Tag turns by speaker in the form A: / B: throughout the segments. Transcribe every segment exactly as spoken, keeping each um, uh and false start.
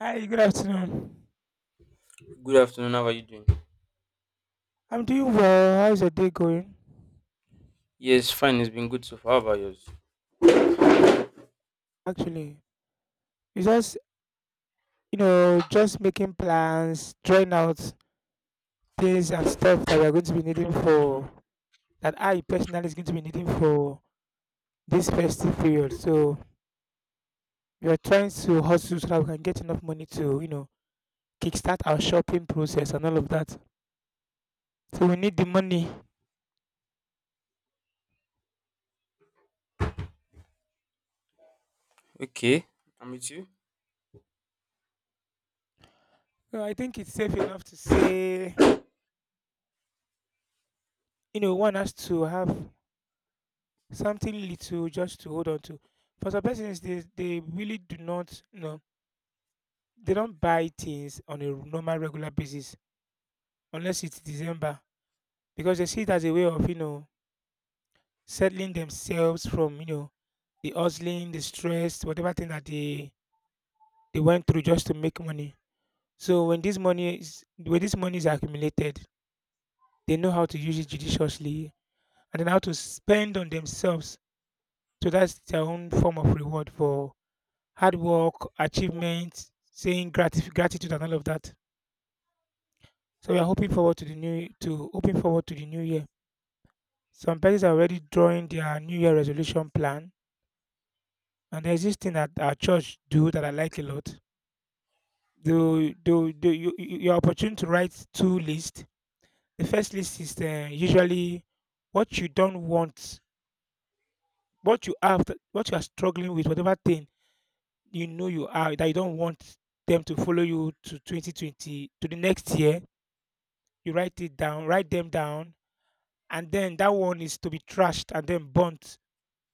A: Hi, good afternoon.
B: Good afternoon. How are you doing?
A: I'm doing well. How's your day going?
B: Yes, fine. It's been good so far. How about yours?
A: Mine are- Actually. It's just, you know, just making plans, drawing out things and stuff that we're going to be needing for, that I personally is going to be needing for this festive period. So we're trying to hustle so that we can get enough money to, you know, kickstart our shopping process and all of that. So we need the money.
B: Okay, I'm with you.
A: So I think it's safe enough to say, you know, one has to have something little just to hold on to. For some persons, they they really do not you know they don't buy things on a normal regular basis unless it's December, because they see it as a way of you know settling themselves from you know the hustling, the stress, whatever thing that they they went through just to make money. So when this money is when this money is accumulated, they know how to use it judiciously and then how to spend on themselves. So that's their own form of reward for hard work, achievements, saying gratif- gratitude and all of that. So we are hoping forward to the new to hoping forward to the new year. Some parents are already drawing their new year resolution plan, and there's this thing that our church do that I like a lot. The the, the you, you- you're opportune to write two lists. The first list is uh, usually what you don't want, what you have, to- what you are struggling with, whatever thing you know you are that you don't want them to follow you to twenty twenty to the next year. You write it down, write them down, and then that one is to be trashed and then burnt,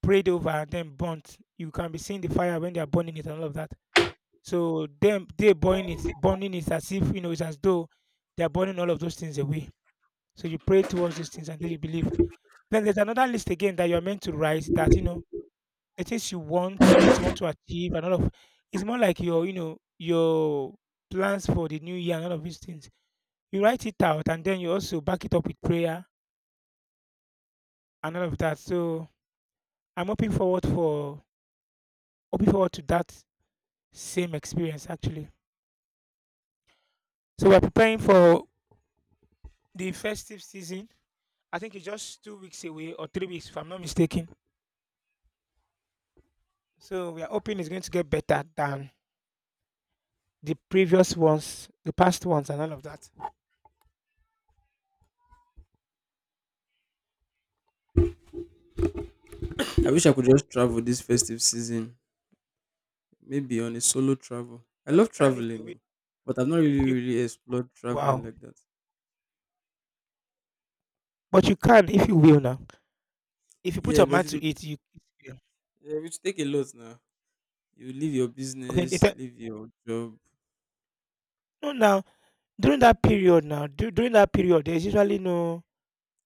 A: prayed over and then burnt. You can be seeing the fire when they are burning it and all of that. So them they burning it, burning it as if you know it's as though they are burning all of those things away. So you pray towards these things and then you believe. Then there's another list again that you are meant to write that you know the things you want, the things you want to achieve, and all of. It's more like your you know your plans for the new year and all of these things. You write it out and then you also back it up with prayer and all of that. So I'm hoping forward for hoping forward to that same experience actually. So we're preparing for the festive season. I think it's just two weeks away or three weeks if I'm not mistaken. So we are hoping it's going to get better than the previous ones, the past ones and all of that.
B: I wish I could just travel this festive season, maybe on a solo travel. I
A: But
B: love
A: you can if
B: traveling,
A: you will.
B: oh, but I've not really,
A: You
B: really explored traveling
A: Wow.
B: like that.
A: But you can if you will now. If you put
B: Yeah,
A: your
B: but
A: mind
B: it will,
A: to it, you yeah.
B: yeah, it will take a lot now. You leave your
A: Okay. they
B: business,
A: tell-
B: leave your job.
A: No, now during that period now, du- during that period, there's usually no.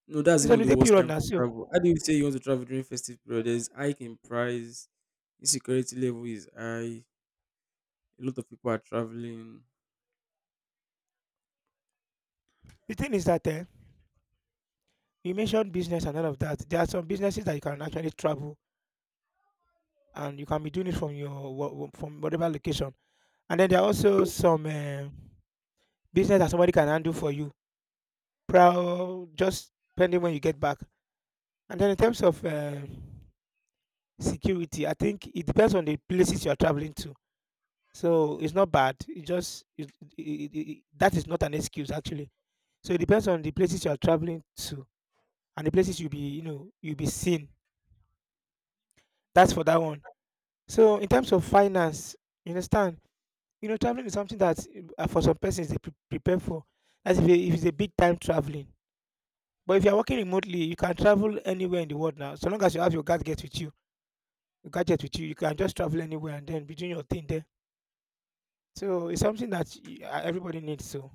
B: No, that's
A: It's
B: even the
A: holiday
B: worst
A: period
B: time
A: now,
B: to
A: so
B: travel. How do you say you want to travel during festive period? There's hike in price, insecurity level is high, a lot of people are traveling.
A: the thing is that uh, you mentioned business and all of that. There are some businesses that you can actually travel and you can be doing it from your wha- wha- from whatever location. And then there are also some eh, business that somebody can handle for you, proud just pending when you get back. And then in terms of eh, security, I think it depends on the places you are traveling to. So it's not bad. It just it, it, it, it- That is not an excuse actually. So it depends on the places you are traveling to and the places you'll be you know you'll be seen. That's for that one. So in terms of finance, you understand? You know, traveling is something that uh, for some persons they pre- prepare for. As if, it- if it's a big time traveling. But if you're working remotely, you can travel anywhere in the world now. So long as you have your gadget with you, your gadget with you, you can just travel anywhere and then be doing your thing there. So it's something that y- uh, everybody needs. So,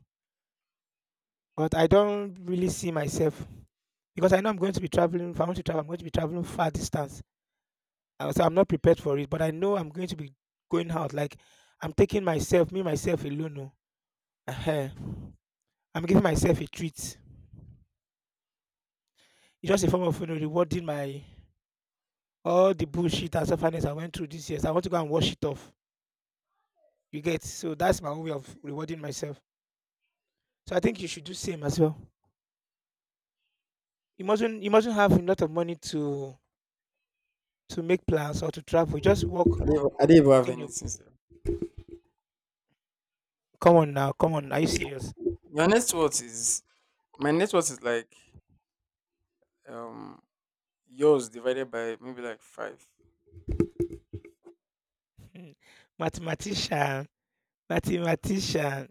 A: but I don't really see myself because I know I'm going to be traveling. If I want to travel, I'm going to be traveling far distance. Uh, So I'm not prepared for it. But I know I'm going to be going out. Like I'm taking myself, me myself alone. Oh. Uh-huh. I'm giving myself a treat. It's just a form of you know, rewarding my all the bullshit and sufferings I went through this year. So I want to go and wash it off. You get, so that's my own way of rewarding myself. So I think you should do same as well. You mustn't you mustn't have a lot of money to to make plans or to travel. Just
B: I
A: work
B: don't even I don't even have
A: within your.
B: anything, sef.
A: Come on now, come on. Are you serious?
B: Your net worth is my net worth is like um yours divided by maybe like five.
A: Hmm. Mathematician. Mathematician.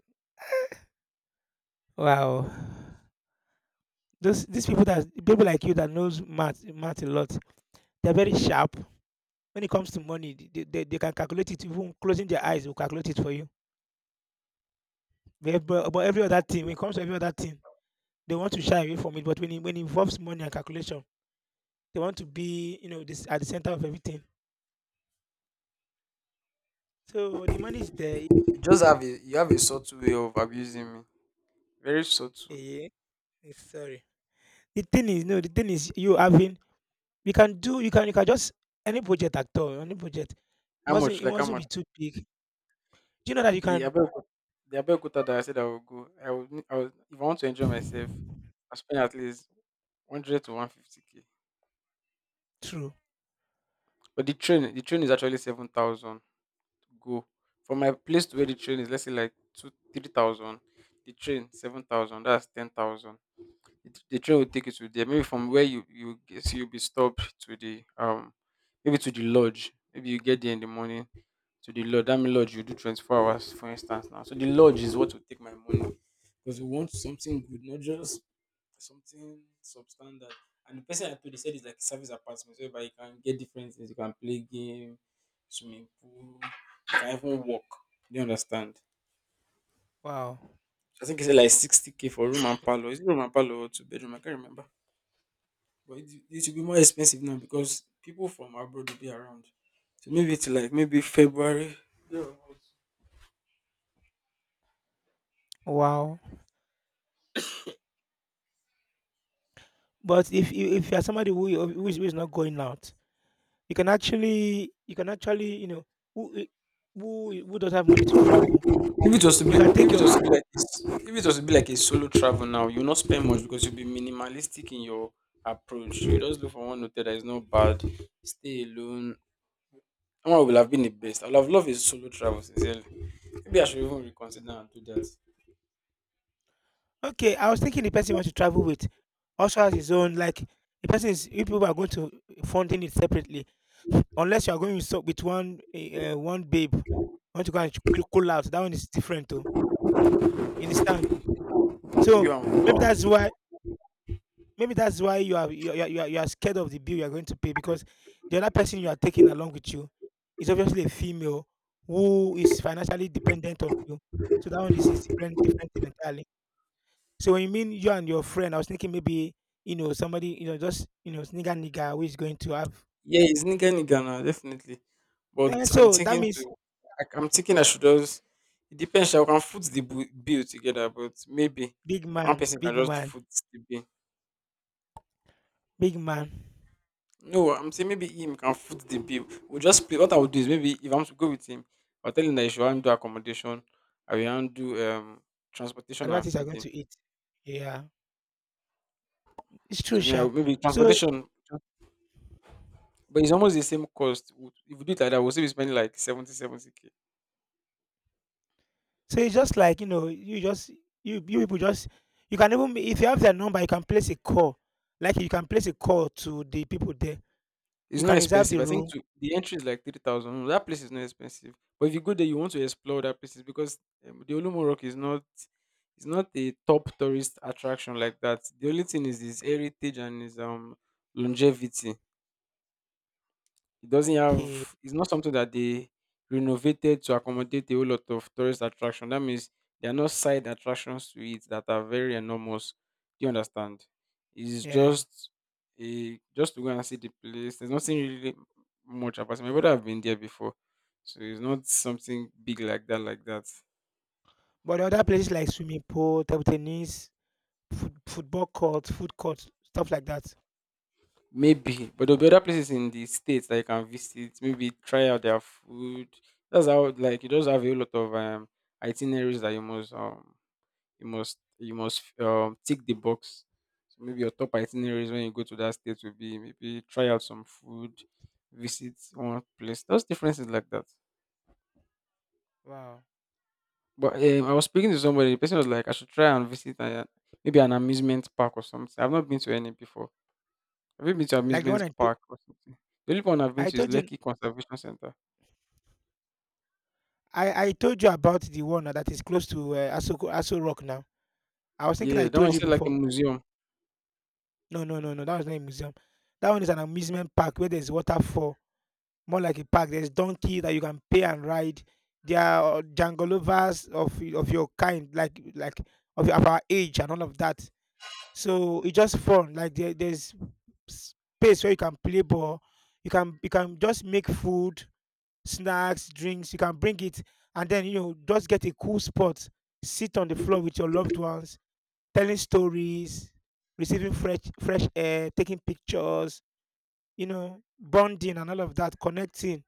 A: Wow. Those these people that people like you that knows math math a lot, they're very sharp. When it comes to money, they, they, they can calculate it even closing their eyes, will calculate it for you. But, but but every other thing, when it comes to every other thing, they want to shy away from it. But when it, when it involves money and calculation, they want to be, you know, this at the center of everything. So the money is there.
B: You just have a you have a subtle way of abusing me. Very subtle.
A: Yeah, sorry. The thing is, no, the thing is, you having, you can do, you can, you can just any project at all, any project. It
B: How
A: mustn't,
B: much?
A: it
B: Like how
A: mustn't
B: much?
A: be too big. Do you know that you
B: The
A: can?
B: Abeokuta, the Abeokuta that I said I will go. I will, ne- I will if I want to enjoy myself, I spend at least one hundred to one hundred fifty k.
A: True.
B: But the train the train is actually seven thousand to go. From my place to where the train is, let's say like two, three thousand. The train seven thousand. That's ten thousand. it, the train will take you to there. Maybe from where you you get- so you'll be stopped to the um maybe to the lodge. Maybe you get there in the morning to the lodge. That mean lodge you do twenty four hours, for instance. Now, so the lodge is what will take my money because we want something good, not just something substandard. And the person I told, they said it's like a service apartment, so whereby you can get different things. You can play game, swimming pool, you can even walk. Do you understand?
A: Wow.
B: I think it's like sixty k for room and parlor. Is it room and parlor or two bedroom? I can't remember. But it, it will be more expensive now because people from abroad will be around. So maybe it's like maybe February.
A: Wow. But if you if you're somebody who who is, who is not going out, You can actually you can actually, you know, who eh, who who doesn't have money to travel?
B: If it was to
A: You
B: be,
A: can take
B: if it
A: your.
B: was to be like, a s- if it was to be like a solo travel now, you'll not spend much because you'll be minimalistic in your approach. You just look for one hotel that is not bad, stay alone. That one will have been the best. I'll have loved a solo travel, sincerely. Maybe I should even reconsider and do that.
A: Okay, I was thinking the person you want to travel with also has his own, like, the person is if people are going to funding it separately, unless you are going with so with one, eh, uh, one babe, want to go and ch cool cool out, that one is different oh, you understand? So,
B: You
A: maybe
B: are,
A: that's why Maybe that's why you are you are, you are you are scared of the bill you are going to pay because the other person you are taking along with you is obviously a female who is financially dependent on you. So that one is is different different thing entirely. So when you mean you and your friend, I was thinking maybe you know somebody you know just you know nigga nigga who is going to have.
B: yeah, it's nigga nigga now, definitely. But
A: Eh,
B: I'm
A: so that
B: thinking
A: means
B: to, I, I'm thinking I should just. It depends. I can foot the bu- bill together, but maybe
A: big
B: one
A: man,
B: person can
A: big
B: just
A: man,
B: foot the bill.
A: big man.
B: No, I'm saying maybe him can foot the bill. We'll just play. What I would do is, maybe if I'm to go with him, I'll tell him that he should handle accommodation. I will handle um transportation and
A: Whatever are going
B: feeding.
A: to eat. Yeah, it's true,
B: So maybe, I
A: Sha.
B: will- maybe
A: So
B: transportation, but it's almost the same cost. Would- If we do it like that, we'll still be spending like seventy seventy k.
A: So it's just like, you know, you just you you people just you can even if you have their number, you can place a call. Like you can place a call to the people there.
B: It's
A: You
B: not
A: can reserve the
B: expensive. I think
A: room.
B: to, the entry is like three thousand. No, that place is not expensive. But if you go there, you want to explore that places because um, the Olumo Rock is not it's not a top tourist attraction like that. The only thing is its heritage and its um longevity. It doesn't
A: Okay.
B: have it's not something that they renovated to accommodate a whole lot of tourist attraction. That means there are no side attractions to it that are very enormous. Do you understand? It's
A: Yeah.
B: just a just to go and see the place. There's nothing really much about it. My brother have been there before. So it's not something big like that, like that.
A: But other places like swimming pool, table tennis, foot, football court, food court, stuff like that.
B: Maybe. But there'll be other places in the States that you can visit. Maybe try out their food. That's how, like, you just have a whole lot of um itineraries that you must um you must you must um tick the box. So maybe your top itineraries when you go to that state will be maybe try out some food, visit one place. Those differences like that.
A: Wow.
B: But um, I was speaking to somebody. The person was like, I should try and visit a, maybe an amusement park or something. I've not been to any before. Have you been to
A: Like the one
B: amusement
A: I, to-
B: park or something? The only one I've been
A: I
B: to is
A: told you,
B: Lekki Conservation Center.
A: I, I told you about the one that is close to uh, Aso, Aso Rock now. I was thinking
B: Yeah,
A: I
B: that one
A: told
B: is
A: you
B: like a
A: before.
B: museum.
A: No, no, no, no. That was not a museum. That one is an amusement park where there's waterfall, more like a park. There's donkey that you can pay and ride. There are uh, jangolovers of of your kind, like like of, of our age and all of that. So it's just fun. Like there, there's space where you can play ball. You can you can just make food, snacks, drinks. You can bring it and then you know just get a cool spot, sit on the floor with your loved ones, telling stories, receiving fresh fresh air, taking pictures. You know, bonding and all of that, connecting,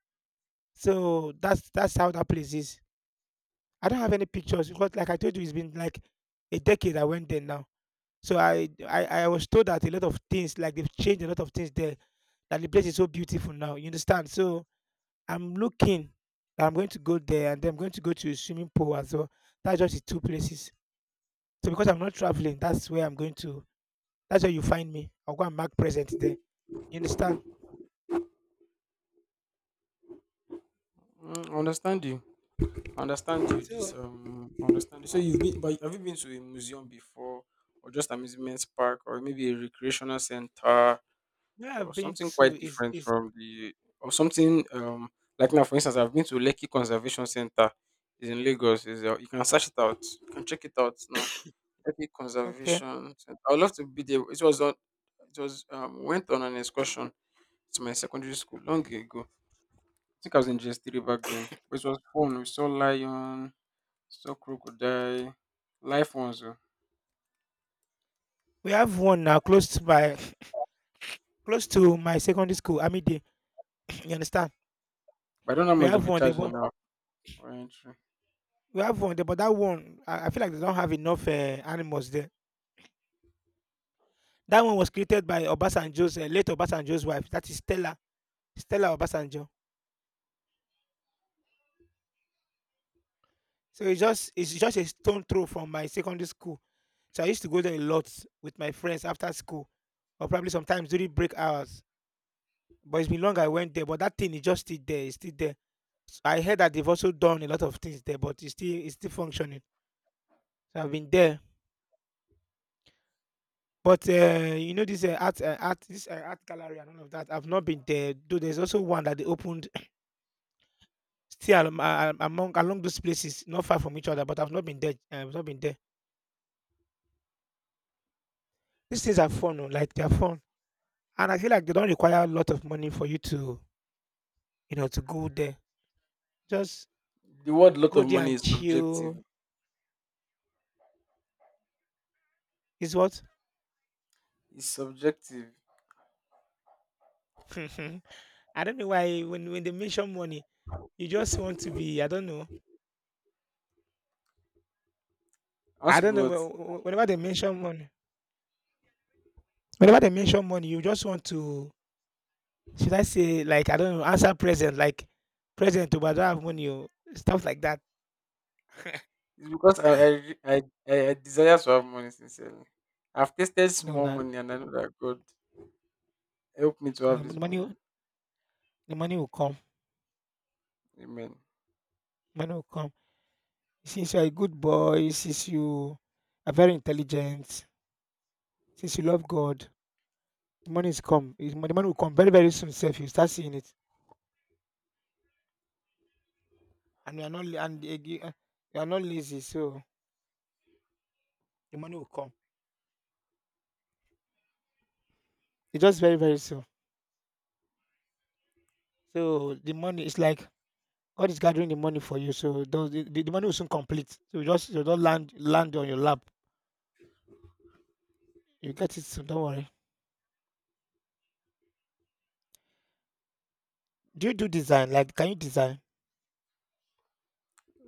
A: so that's that's how that place is. I don't have any pictures because, like I told you, it's been like a decade I went there now. So I I, I was told that a lot of things, like they've changed a lot of things there, that the place is so beautiful now. You understand? So I'm looking. I'm going to go there, and then I'm going to go to a swimming pool as well. That's just the two places. So because I'm not traveling, that's where I'm going to. That's where you find me. I'll go and mark present there. You understand?
B: Mm, I understand you. I understand you. This
A: So
B: um, I understand you. So you've been, but have you been to a museum before, or just amusement park, or maybe a recreational center,
A: where
B: or
A: I've been
B: something
A: to
B: quite
A: is
B: different
A: is
B: from the, or something um, like now, for instance, I've been to Lekki Conservation Center. It's in Lagos. Is uh, you can search it out. You can check it out now. Lekki
A: okay.
B: Conservation Center. I would love to be there. It was on. It was um went on an excursion to my secondary school long ago. I think I was in G S three back then. But it was fun. We saw lion. So crocodile, life ones, oh.
A: We have one now close by. Close to my secondary school, Amide, you understand?
B: But I don't know how
A: We
B: much they'll
A: have
B: be
A: one there,
B: charging
A: but
B: now for entry.
A: we have one there, but that one, I, I feel like they don't have enough uh, animals there. That one was created by Obasanjo's uh, late Obasanjo's wife. That is Stella, Stella Obasanjo. So it's just it's just a stone throw from my secondary school. So I used to go there a lot with my friends after school, or probably sometimes during break hours. But it's been long I went there, but that thing is just still there. It's still there. So I heard that they've also done a lot of things there, but it's still it's still functioning. So I've been there. But, eh, you know this, eh, art, eh, art, this, eh, art gallery and all of that, I've not been there, though there's also one that they opened, still am a among along those places, not far from each other, but I've not been there. uh, I've not been there. These things are fun oh, like, they are fun, and I feel like they don't require a lot of money for you to, you know, to go there. Just
B: The word lot
A: go
B: of
A: there
B: money
A: and
B: is
A: chill.
B: subjective.
A: Is what?
B: It's subjective.
A: I don't know why when when they mention money, you just want to be, I don't know.
B: I want
A: I
B: to be
A: don't
B: what?
A: know whe
B: It's
A: whe whenever they mention money, whenever they mention money, you just want to. Should I say like, I don't know, answer present like present oh, but I don't have money oh, stuff like that.
B: because I I, re- I I I desire to have money, sincerely. I've tasted
A: No
B: small
A: na,
B: money and I know that God help me to have
A: no,
B: this
A: the money
B: money.
A: will, the money will come,
B: Amen.
A: money will come. Since you are a good boy, since you are very intelligent, since you love God, the money is come, is the money will come very very soon. Self, you start seeing it, and you are not la, and again you are not lazy, so the money will come. It's just very very soon. So the money is like God is gathering the money for you, so those the the money will soon complete, so you just, you don't land land on your lap. You get it soon. Don't worry. Do you do design? Like, can you design?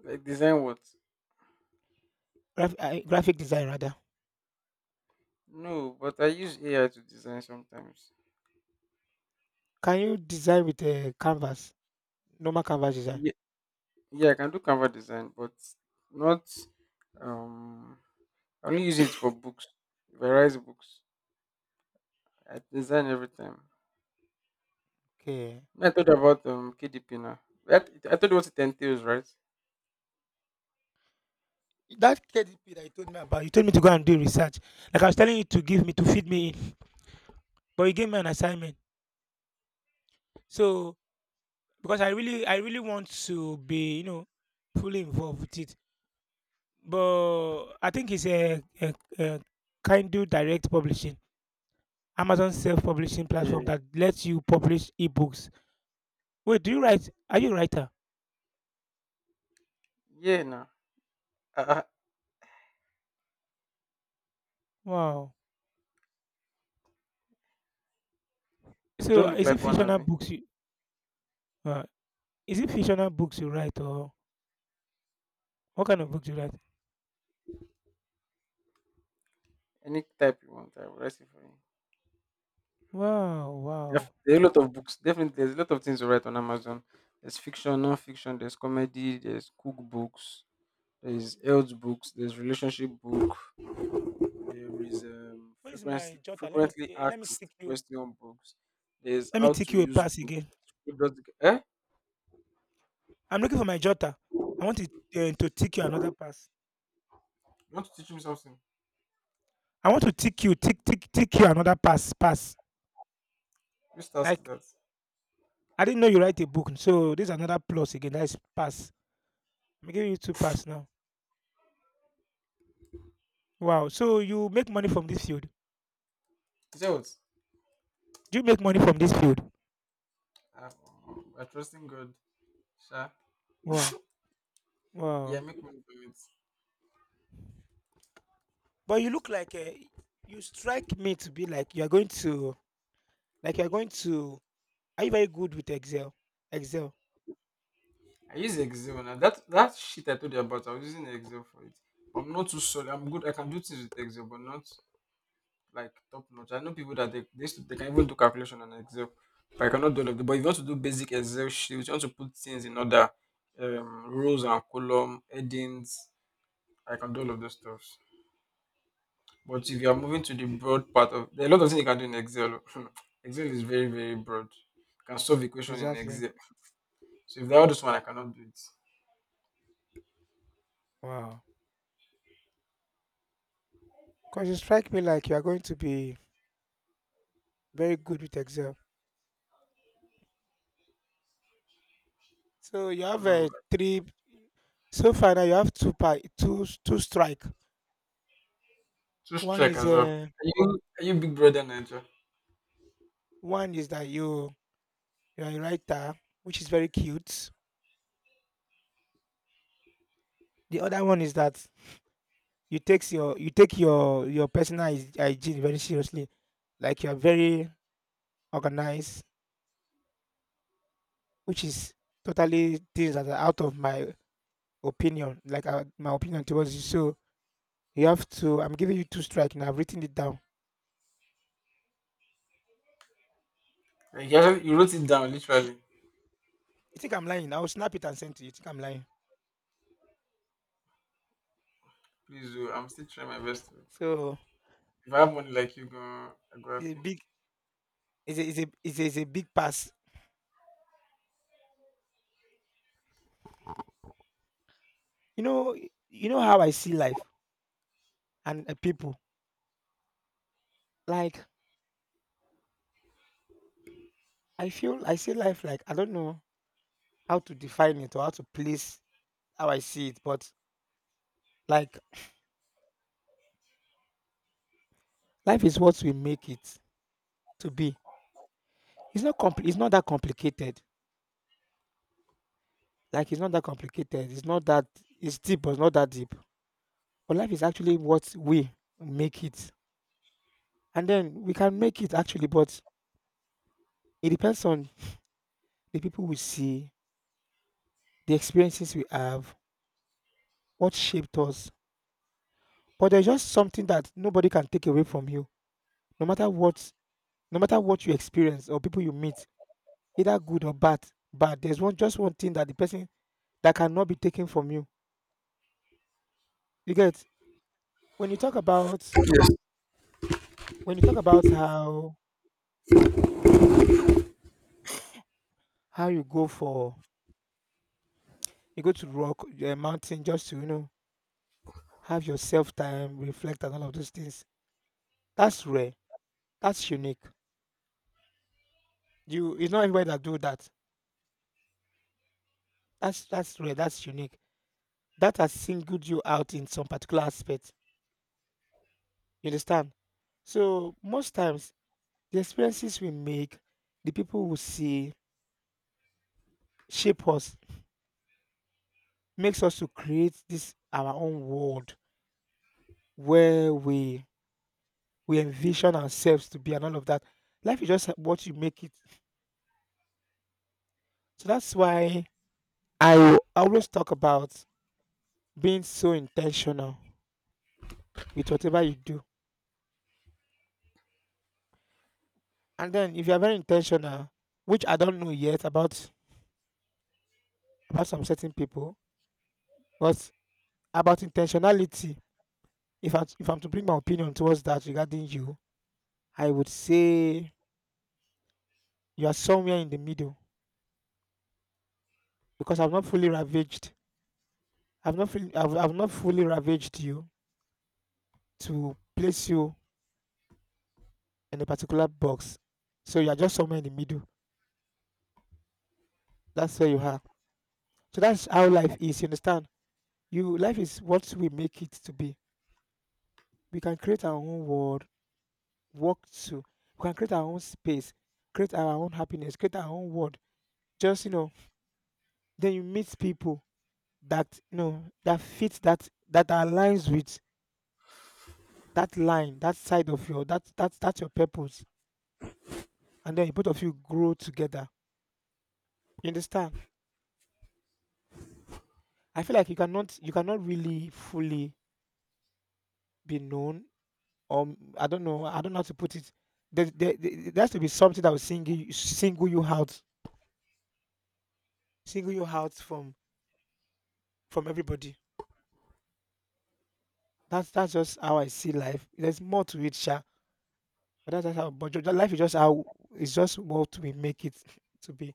B: Like design what?
A: Graph, uh, graphic design, rather.
B: No, but I use A I to design sometimes.
A: Can you design with a canvas? Normal canvas design.
B: Yeah, yeah, I can do Canva design, but not um I only use it for books, various books. I design everything.
A: Okay.
B: I told you about um K D P now. I, I told you what it entails, right?
A: That K D P that you told me about, you told me to go and do research. Like I was telling you to give me, to feed me in, but you gave me an assignment. So because I really, I really want to be, you know, fully involved with it. But I think it's a, a, a Kindle Direct Publishing, Amazon self-publishing
B: Yeah,
A: platform that lets you publish ebooks. Wait, do you write? Are you a writer?
B: yeah. Now I, I
A: Wow!
B: I
A: So,
B: don't look
A: is it
B: like one of
A: fictional
B: you.
A: books you, uh, is it fictional books you write, or what kind of books you write?
B: Any type you want, I will write it for you.
A: Wow,
B: Def-
A: wow.
B: There are a lot of books. Definitely, there's a lot of things to write on Amazon. There's fiction, non-fiction. There's comedy. There's cookbooks. There's health books. There's relationship book. There is um,
A: Where is my
B: frequently
A: jotter? Let me,
B: frequently
A: eh, let me
B: asked
A: take you,
B: question books. There's
A: let me
B: how to
A: take you a
B: use
A: pass
B: books.
A: again.
B: Who does the- Eh?
A: I'm looking for my jotter. I want to, eh, to take you another pass.
B: You want to teach me something?
A: I want to take you, take take take you another pass pass.
B: Which task is
A: Like,
B: that?
A: I didn't know you write a book, so this is another plus again. That is pass. I'm giving you two pass now. Wow. So you make money from this field?
B: Results.
A: Do you make money from this field?
B: Uh, we're trusting God. Sure.
A: Wow.
B: Yeah,
A: Wow.
B: make money from it.
A: But you look like, uh, you strike me to be like you're going to, like you're going to. Are you very good with Excel? Excel,
B: I use Excel now. That that shit I told you about, I was using Excel for it. I'm not too solid. I'm good. I can do things with Excel, but not like top notch. I know people that they they, used to, they can even do calculation on Excel. But I cannot do all of them. But if you want to do basic Excel sheets, you want to put things in order, um, rows and column, headings, I can do all of those stuff. But if you are moving to the broad part of, there are a lot of things you can do in Excel. Oh. Excel is very, very broad. You can solve equation in
A: exactly.
B: Excel. So if that this one, I cannot do it.
A: Wow, because you strike me like you are going to be very good with Excel. So you have
B: No,
A: a
B: but
A: three. So far now you have two pa-, two, two strike.
B: just
A: One
B: check
A: is,
B: as well.
A: uh,
B: Are you, are you big brother Niger?
A: one is that you you are a writer, which is very cute. The other one is that you takes your, you take your your personal hyg-, hygiene very seriously, like you are very organized, which is totally things that are out of my opinion, like, uh, my opinion towards you. So you have to. I'm giving you two strikes, and I've written it down.
B: Like you, actually, you wrote it down literally.
A: You think I'm lying? I'll snap it and send to you. You think I'm lying?
B: Please do. I'm still trying my best to.
A: So
B: If I have money like you, go, I go
A: it's a
B: happy.
A: big, it's a, it's a, it's a, it's a big pass. You know, you know how I see life and, uh, people. Like I feel, I see life like, I don't know how to define it or how to place how I see it, but, like, life is what we make it to be. It's not compl-, it's not that complicated. Like, it's not that complicated. It's not that, it's deep, but it's not that deep. But life is actually what we make it. And then we can make it actually, but it depends on the people we see, the experiences we have, what shaped us. But there's just something that nobody can take away from you. No matter what, no matter what you experience or people you meet, either good or bad, but there's one, just one thing, that the person, that cannot be taken from you. You get. When you talk about, when you talk about how how you go for, you go to rock, a mountain just to, you know, have yourself time, reflect and all of those things. That's rare. That's unique. You, it's not everybody that do that. That's that's rare. That's unique. That has singled you out in some particular aspect. You understand? So most times the experiences we make, the people we see, shape us, makes us to create this our own world where we we envision ourselves to be and all of that. Life is just what you make it. So that's why I will always talk about being so intentional with whatever you do. And then if you are very intentional, which I don't know yet about about some certain people, but about intentionality, if I, if I'm to bring my opinion towards that regarding you, I would say you are somewhere in the middle because I've not fully ravaged. I've not fully, I've, I've not fully ravaged you to place you in a particular box. So you are just somewhere in the middle. That's where you are. So that's how life is. You understand? You, life is what we make it to be. We can create our own world, walk to. We can create our own space, create our own happiness, create our own world. Just, you know, then you meet people that, you know, that fit that, that aligns with that line, that side of your, that, that that's your purpose, and then both of you grow together. You understand? I feel like you cannot, you cannot really fully be known. Um, I don't know. I don't know how to put it. There, there, there there has to be something that will single you, single you out, single you out from from everybody. That's that's just how I see life. There's more to it, sha. But that's just how. But ju-, life is just how. It's just what we make it to be.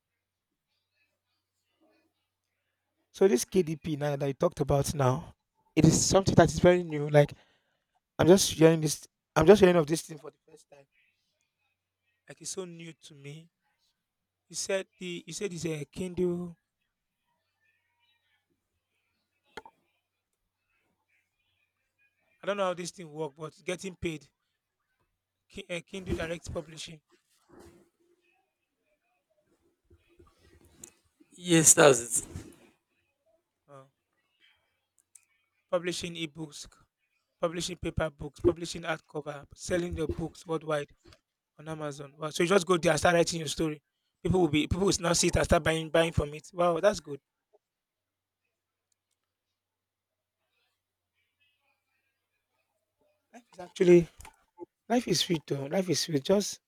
A: So this K D P now that you talked about now, it is something that is very new. Like, I'm just hearing this. I'm just hearing of this thing for the first time. Like, it's so new to me. You said the, you said it's a Kindle. I don't know how this thing works, but getting paid. Ki-, uh, Kindle Direct Publishing.
B: Yes, that's it.
A: Wow. Publishing ebooks, publishing paper books, publishing hardcover, selling your books worldwide on Amazon. Wow. So you just go there and start writing your story. People will be, people will now see it and start buying buying from it. Wow, that's good. Life is actually, life is sweet though. Life is sweet. Just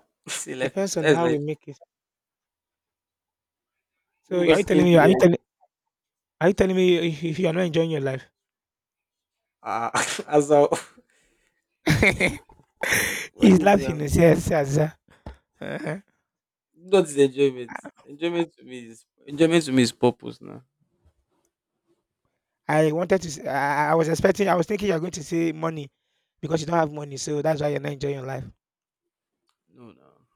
B: See, life is
A: depends on
B: that's
A: how we
B: life.
A: make it. So are you
B: Because
A: telling
B: can do,
A: me, are you
B: yeah.
A: telling, are you telling me if if you are not enjoying your life?
B: Ah, as a what
A: He's
B: do you
A: laughing.
B: have?
A: He says, "Yes, yes, uh."
B: Not the enjoyment. Enjoyment to me is enjoyment to me is purpose now.
A: I wanted to. S-, I, I was expecting. I was thinking you're going to say money because you don't have money, so that's why you're not enjoying your life.
B: No, no.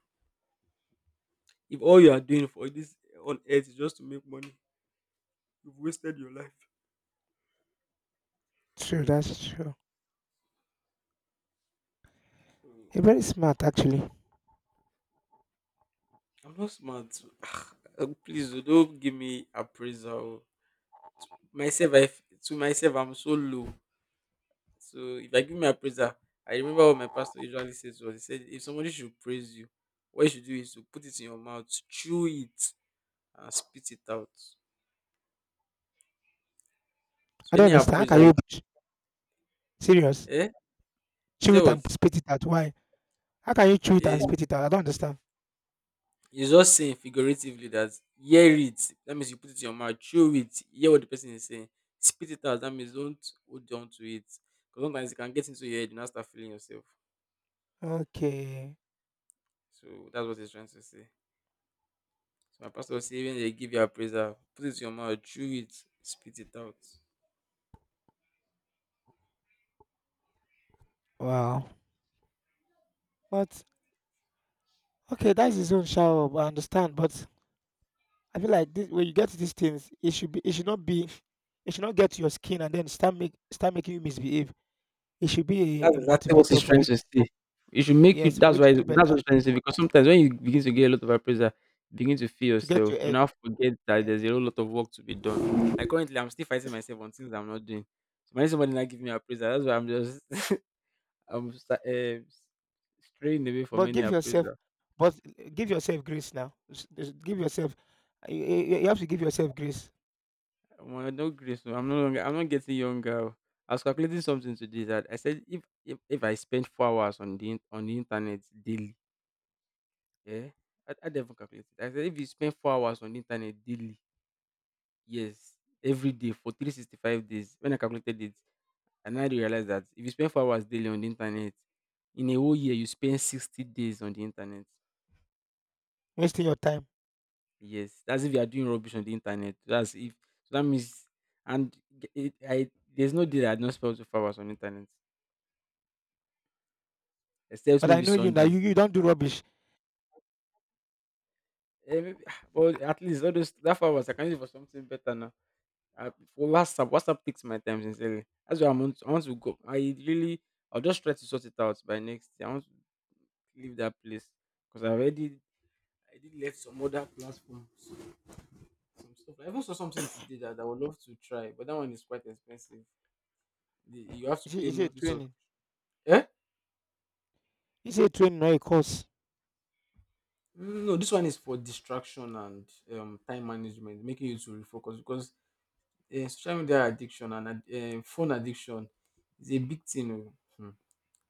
B: If all you are doing for this on earth is just to make money, you've wasted your life.
A: True. That's true.
B: Mm.
A: You're very smart, actually.
B: I'm not smart. Uh, Please, oh, don't give me appraisal. Myself, I, f- to myself, I'm so low. So if I give me appraisal, I remember what my pastor usually says, was he said, if somebody should praise you, what you should do is to put it in your mouth, chew it, and spit it out.
A: I
B: So
A: don't
B: any
A: understand. How
B: appraisal,
A: can you ch-, serious,
B: eh? He
A: chew
B: said
A: it
B: what?
A: and spit it out? Why? How can you chew it
B: Yeah,
A: and spit it out? I don't understand.
B: it's just saying figuratively that hear it. That means you put it in your mouth, chew it, hear what the person is saying, spit it out. That means don't hold on to it. Because sometimes it can get into your head, you now start feeling yourself.
A: Okay.
B: So that's what he's trying to say. So my pastor was saying, when they give you a appraiser, put it in your mouth, chew it, spit it out.
A: Wow. But okay, that is his own shower. I understand. But I feel like this, when you get to these things, it should be, it should not be, it should not get to your skin and then start make, start making you misbehave. It should be
B: That's
A: a, a
B: exactly what he's
A: motivator for
B: trying
A: you
B: to
A: to,
B: say. It should make you.
A: yes, for
B: That's
A: you
B: why.
A: to do
B: That's
A: better,
B: what he's trying to say. Because sometimes when you begin to get a lot of appraisal, you begin to feel
A: to get
B: yourself.
A: your
B: You
A: head.
B: now forget that
A: Yes.
B: there's a whole lot of work to be done. Like currently, I'm still fighting myself on things I'm not doing. So when somebody not give me appraisal, that's why I'm just I'm uh, straying away from
A: But
B: any
A: give yourself,
B: appraisal.
A: but give yourself grace now. S-, s-, give yourself, you, you you have to give yourself grace,
B: Well, no grace. Oh, I'm no longer. I'm not getting younger. Oh. I was calculating something today that I said if if, if I spend four hours on the in- on the internet daily. Yeah, I, I never calculated. I said if you spend four hours on the internet daily, yes, every day for three sixty-five days, when I calculated it, and I now realized that if you spend four hours daily on the internet, in a whole year you spend sixty days on the internet.
A: wasting your time.
B: Yes, that's if you are doing rubbish on the internet. That's if, so that means, and g- it, I there's no day that I don't spend four hours on the internet, except
A: But I
B: maybe
A: know you now. You,
B: Sundays.
A: you don't do rubbish.
B: Eh, maybe- but at least all those that four hours I can use it for something better now. Uh, for WhatsApp, WhatsApp takes my time sincerely. That's why I'm on, I want to go. I really, I'll just try to sort it out by next year. I want to leave that place because I already, I did let some other platforms, some stuff. I even saw something today that I would love to try, but that one is quite expensive. The, you have to
A: Is it,
B: pay
A: is it a
B: monthly. So,
A: training?
B: eh?
A: It's a training or a course.
B: No, this one is for distraction and um, time management, making you to refocus because uh, social media addiction and ad- eh, phone addiction is a big thing. Oh. Hmm.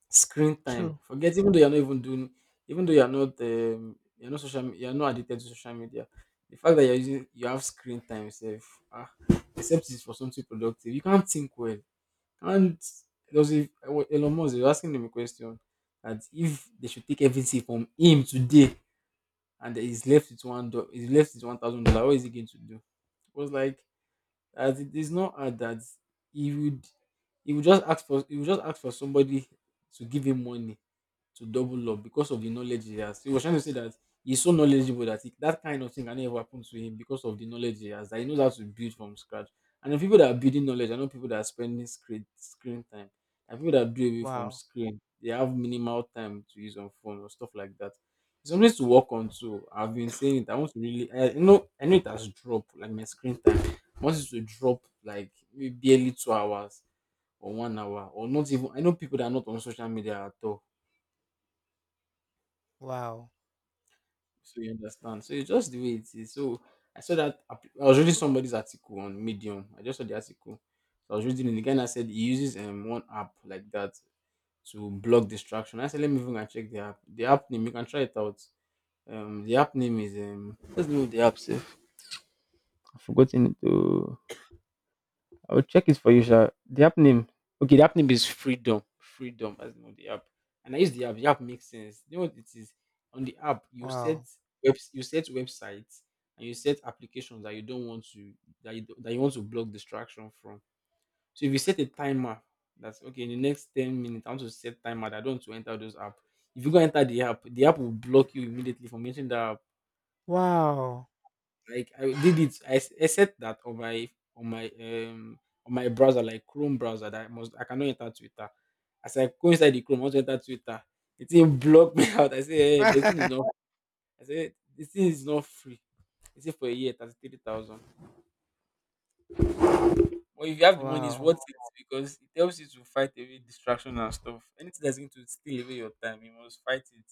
B: Screen time.
A: True.
B: Forget even though you're not even doing, even though you're not um, you're not social me- you're not addicted to social media. The fact that you're using, you have screen time itself, ah, except it's for something productive. You can't think well. And there was a, I wa- Elon Musk, they were asking him a question that if they should take everything from him today and he's left with one do- he's left with one thousand dollars, what is he going to do? It was like that, it is not hard that he would, he would just ask for, he would just ask for somebody to give him money to double up because of the knowledge he has. He was trying to say that he's so knowledgeable that he, that kind of thing can never happen to him because of the knowledge he has. That he knows how to build from scratch. And the people that are building knowledge, I know people that are spending screen screen time. And people that do away from
A: Wow.
B: screen, they have minimal time to use on phone or stuff like that. It's something to work on too. I've been saying it. I want to really, I I know, I know it has dropped like my screen time. I want it to drop like maybe barely two hours or one hour or not even. I know people that are not on social media at all.
A: Wow.
B: So you understand. So it's just the way it is. So I saw that app- I was reading somebody's article on Medium. I just saw the article. So I was reading it. The guy now said he uses um one app like that to block distraction. I said, let me even go and check the app. The app name, you can try it out. Um the app name is um what's the name of the app safe? I've forgotten it. I'll check it for you, sir. The app name. Okay, the app name is Freedom. Freedom as not the app. And I use the app. The app makes sense. You know what it is? On the app, you set
A: Wow.
B: webs you set websites and you set applications that you don't want to, that you don't- that you want to block distraction from. So if you set a timer, that's okay. In the next ten minutes, I want to set timer that I don't want to enter those app. If you go enter the app, the app will block you immediately from entering that app.
A: Wow.
B: Like I did it. I, s- I set that on my on my um on my browser, like Chrome browser, that I must, I cannot enter Twitter. As I go inside the Chrome, I want to enter Twitter. It didn't block me out. I say, hey, but the thing is not. I say the thing is not free. It's for a year, thirty three thousand. But if you have the money, it's worth
A: Wow.
B: it because it helps you to fight away distraction and stuff. Anything that's going to steal away your time, you must fight it,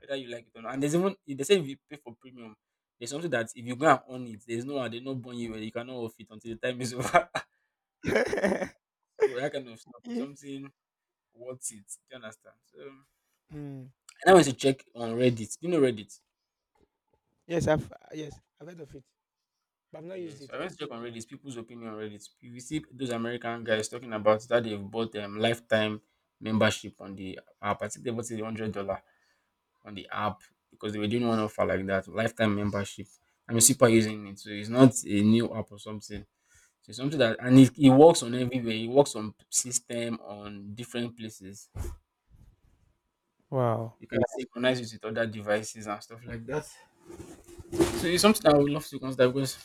B: whether you like it or not. And there's even, they say if you pay for premium, there's something that if you go and own it, there's no one, they not burn you and you cannot off it until the time is over.
A: Ye-,
B: So that kind of stuff is something worth it. Do you understand? So, and
A: mm.
B: I went to check on Reddit. Do you know Reddit?
A: Yes, I've, yes, I've heard of it. But I've not
B: Yeah,
A: used
B: so
A: it.
B: I went to check on Reddit, people's opinion on Reddit. You will see those American guys talking about that they've bought um, lifetime membership on the app. I think they bought it hundred dollar on the app because they were doing one offer like that, lifetime membership. I'm a super using it, so it's not a new app or something. So it's something that, and it, it works on everywhere. It works on system on different places.
A: Wow.
B: You can synchronize it with other devices and stuff like that.
A: Hmm.
B: So it's something I would love to consider because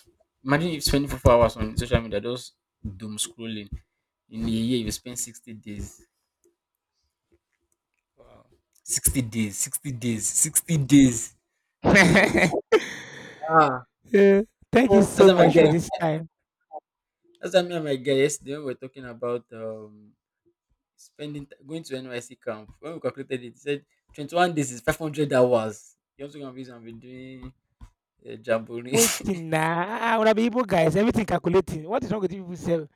B: imagine you spend four hours on social media just doom scrolling. In a year, you spend sixty days,
A: Wow.
B: sixty days, sixty days, sixty days. That's a lot.
A: Yeah. Thank you
B: That's
A: so
B: why my
A: much for
B: guy.
A: this time.
B: As why me and my guy yesterday when we are talking about um spending t- going to N Y C camp. When we calculated it, it said twenty-one days is five hundred hours. You also can be and be doing uh, jamboree.
A: Waiting now. When I would have been able, guys. Everything calculating. What is wrong with you people self?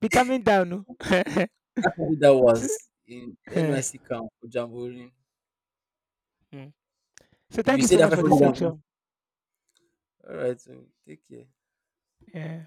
A: Be calming down. No?
B: five hundred hours
A: So-,
B: in
A: eh.
B: N Y C camp for jamboree.
A: Hmm. So
B: If
A: thank
B: you
A: you
B: say
A: so
B: that
A: much for this
B: five hundred hours,
A: section.
B: all right, so take care.
A: Yeah.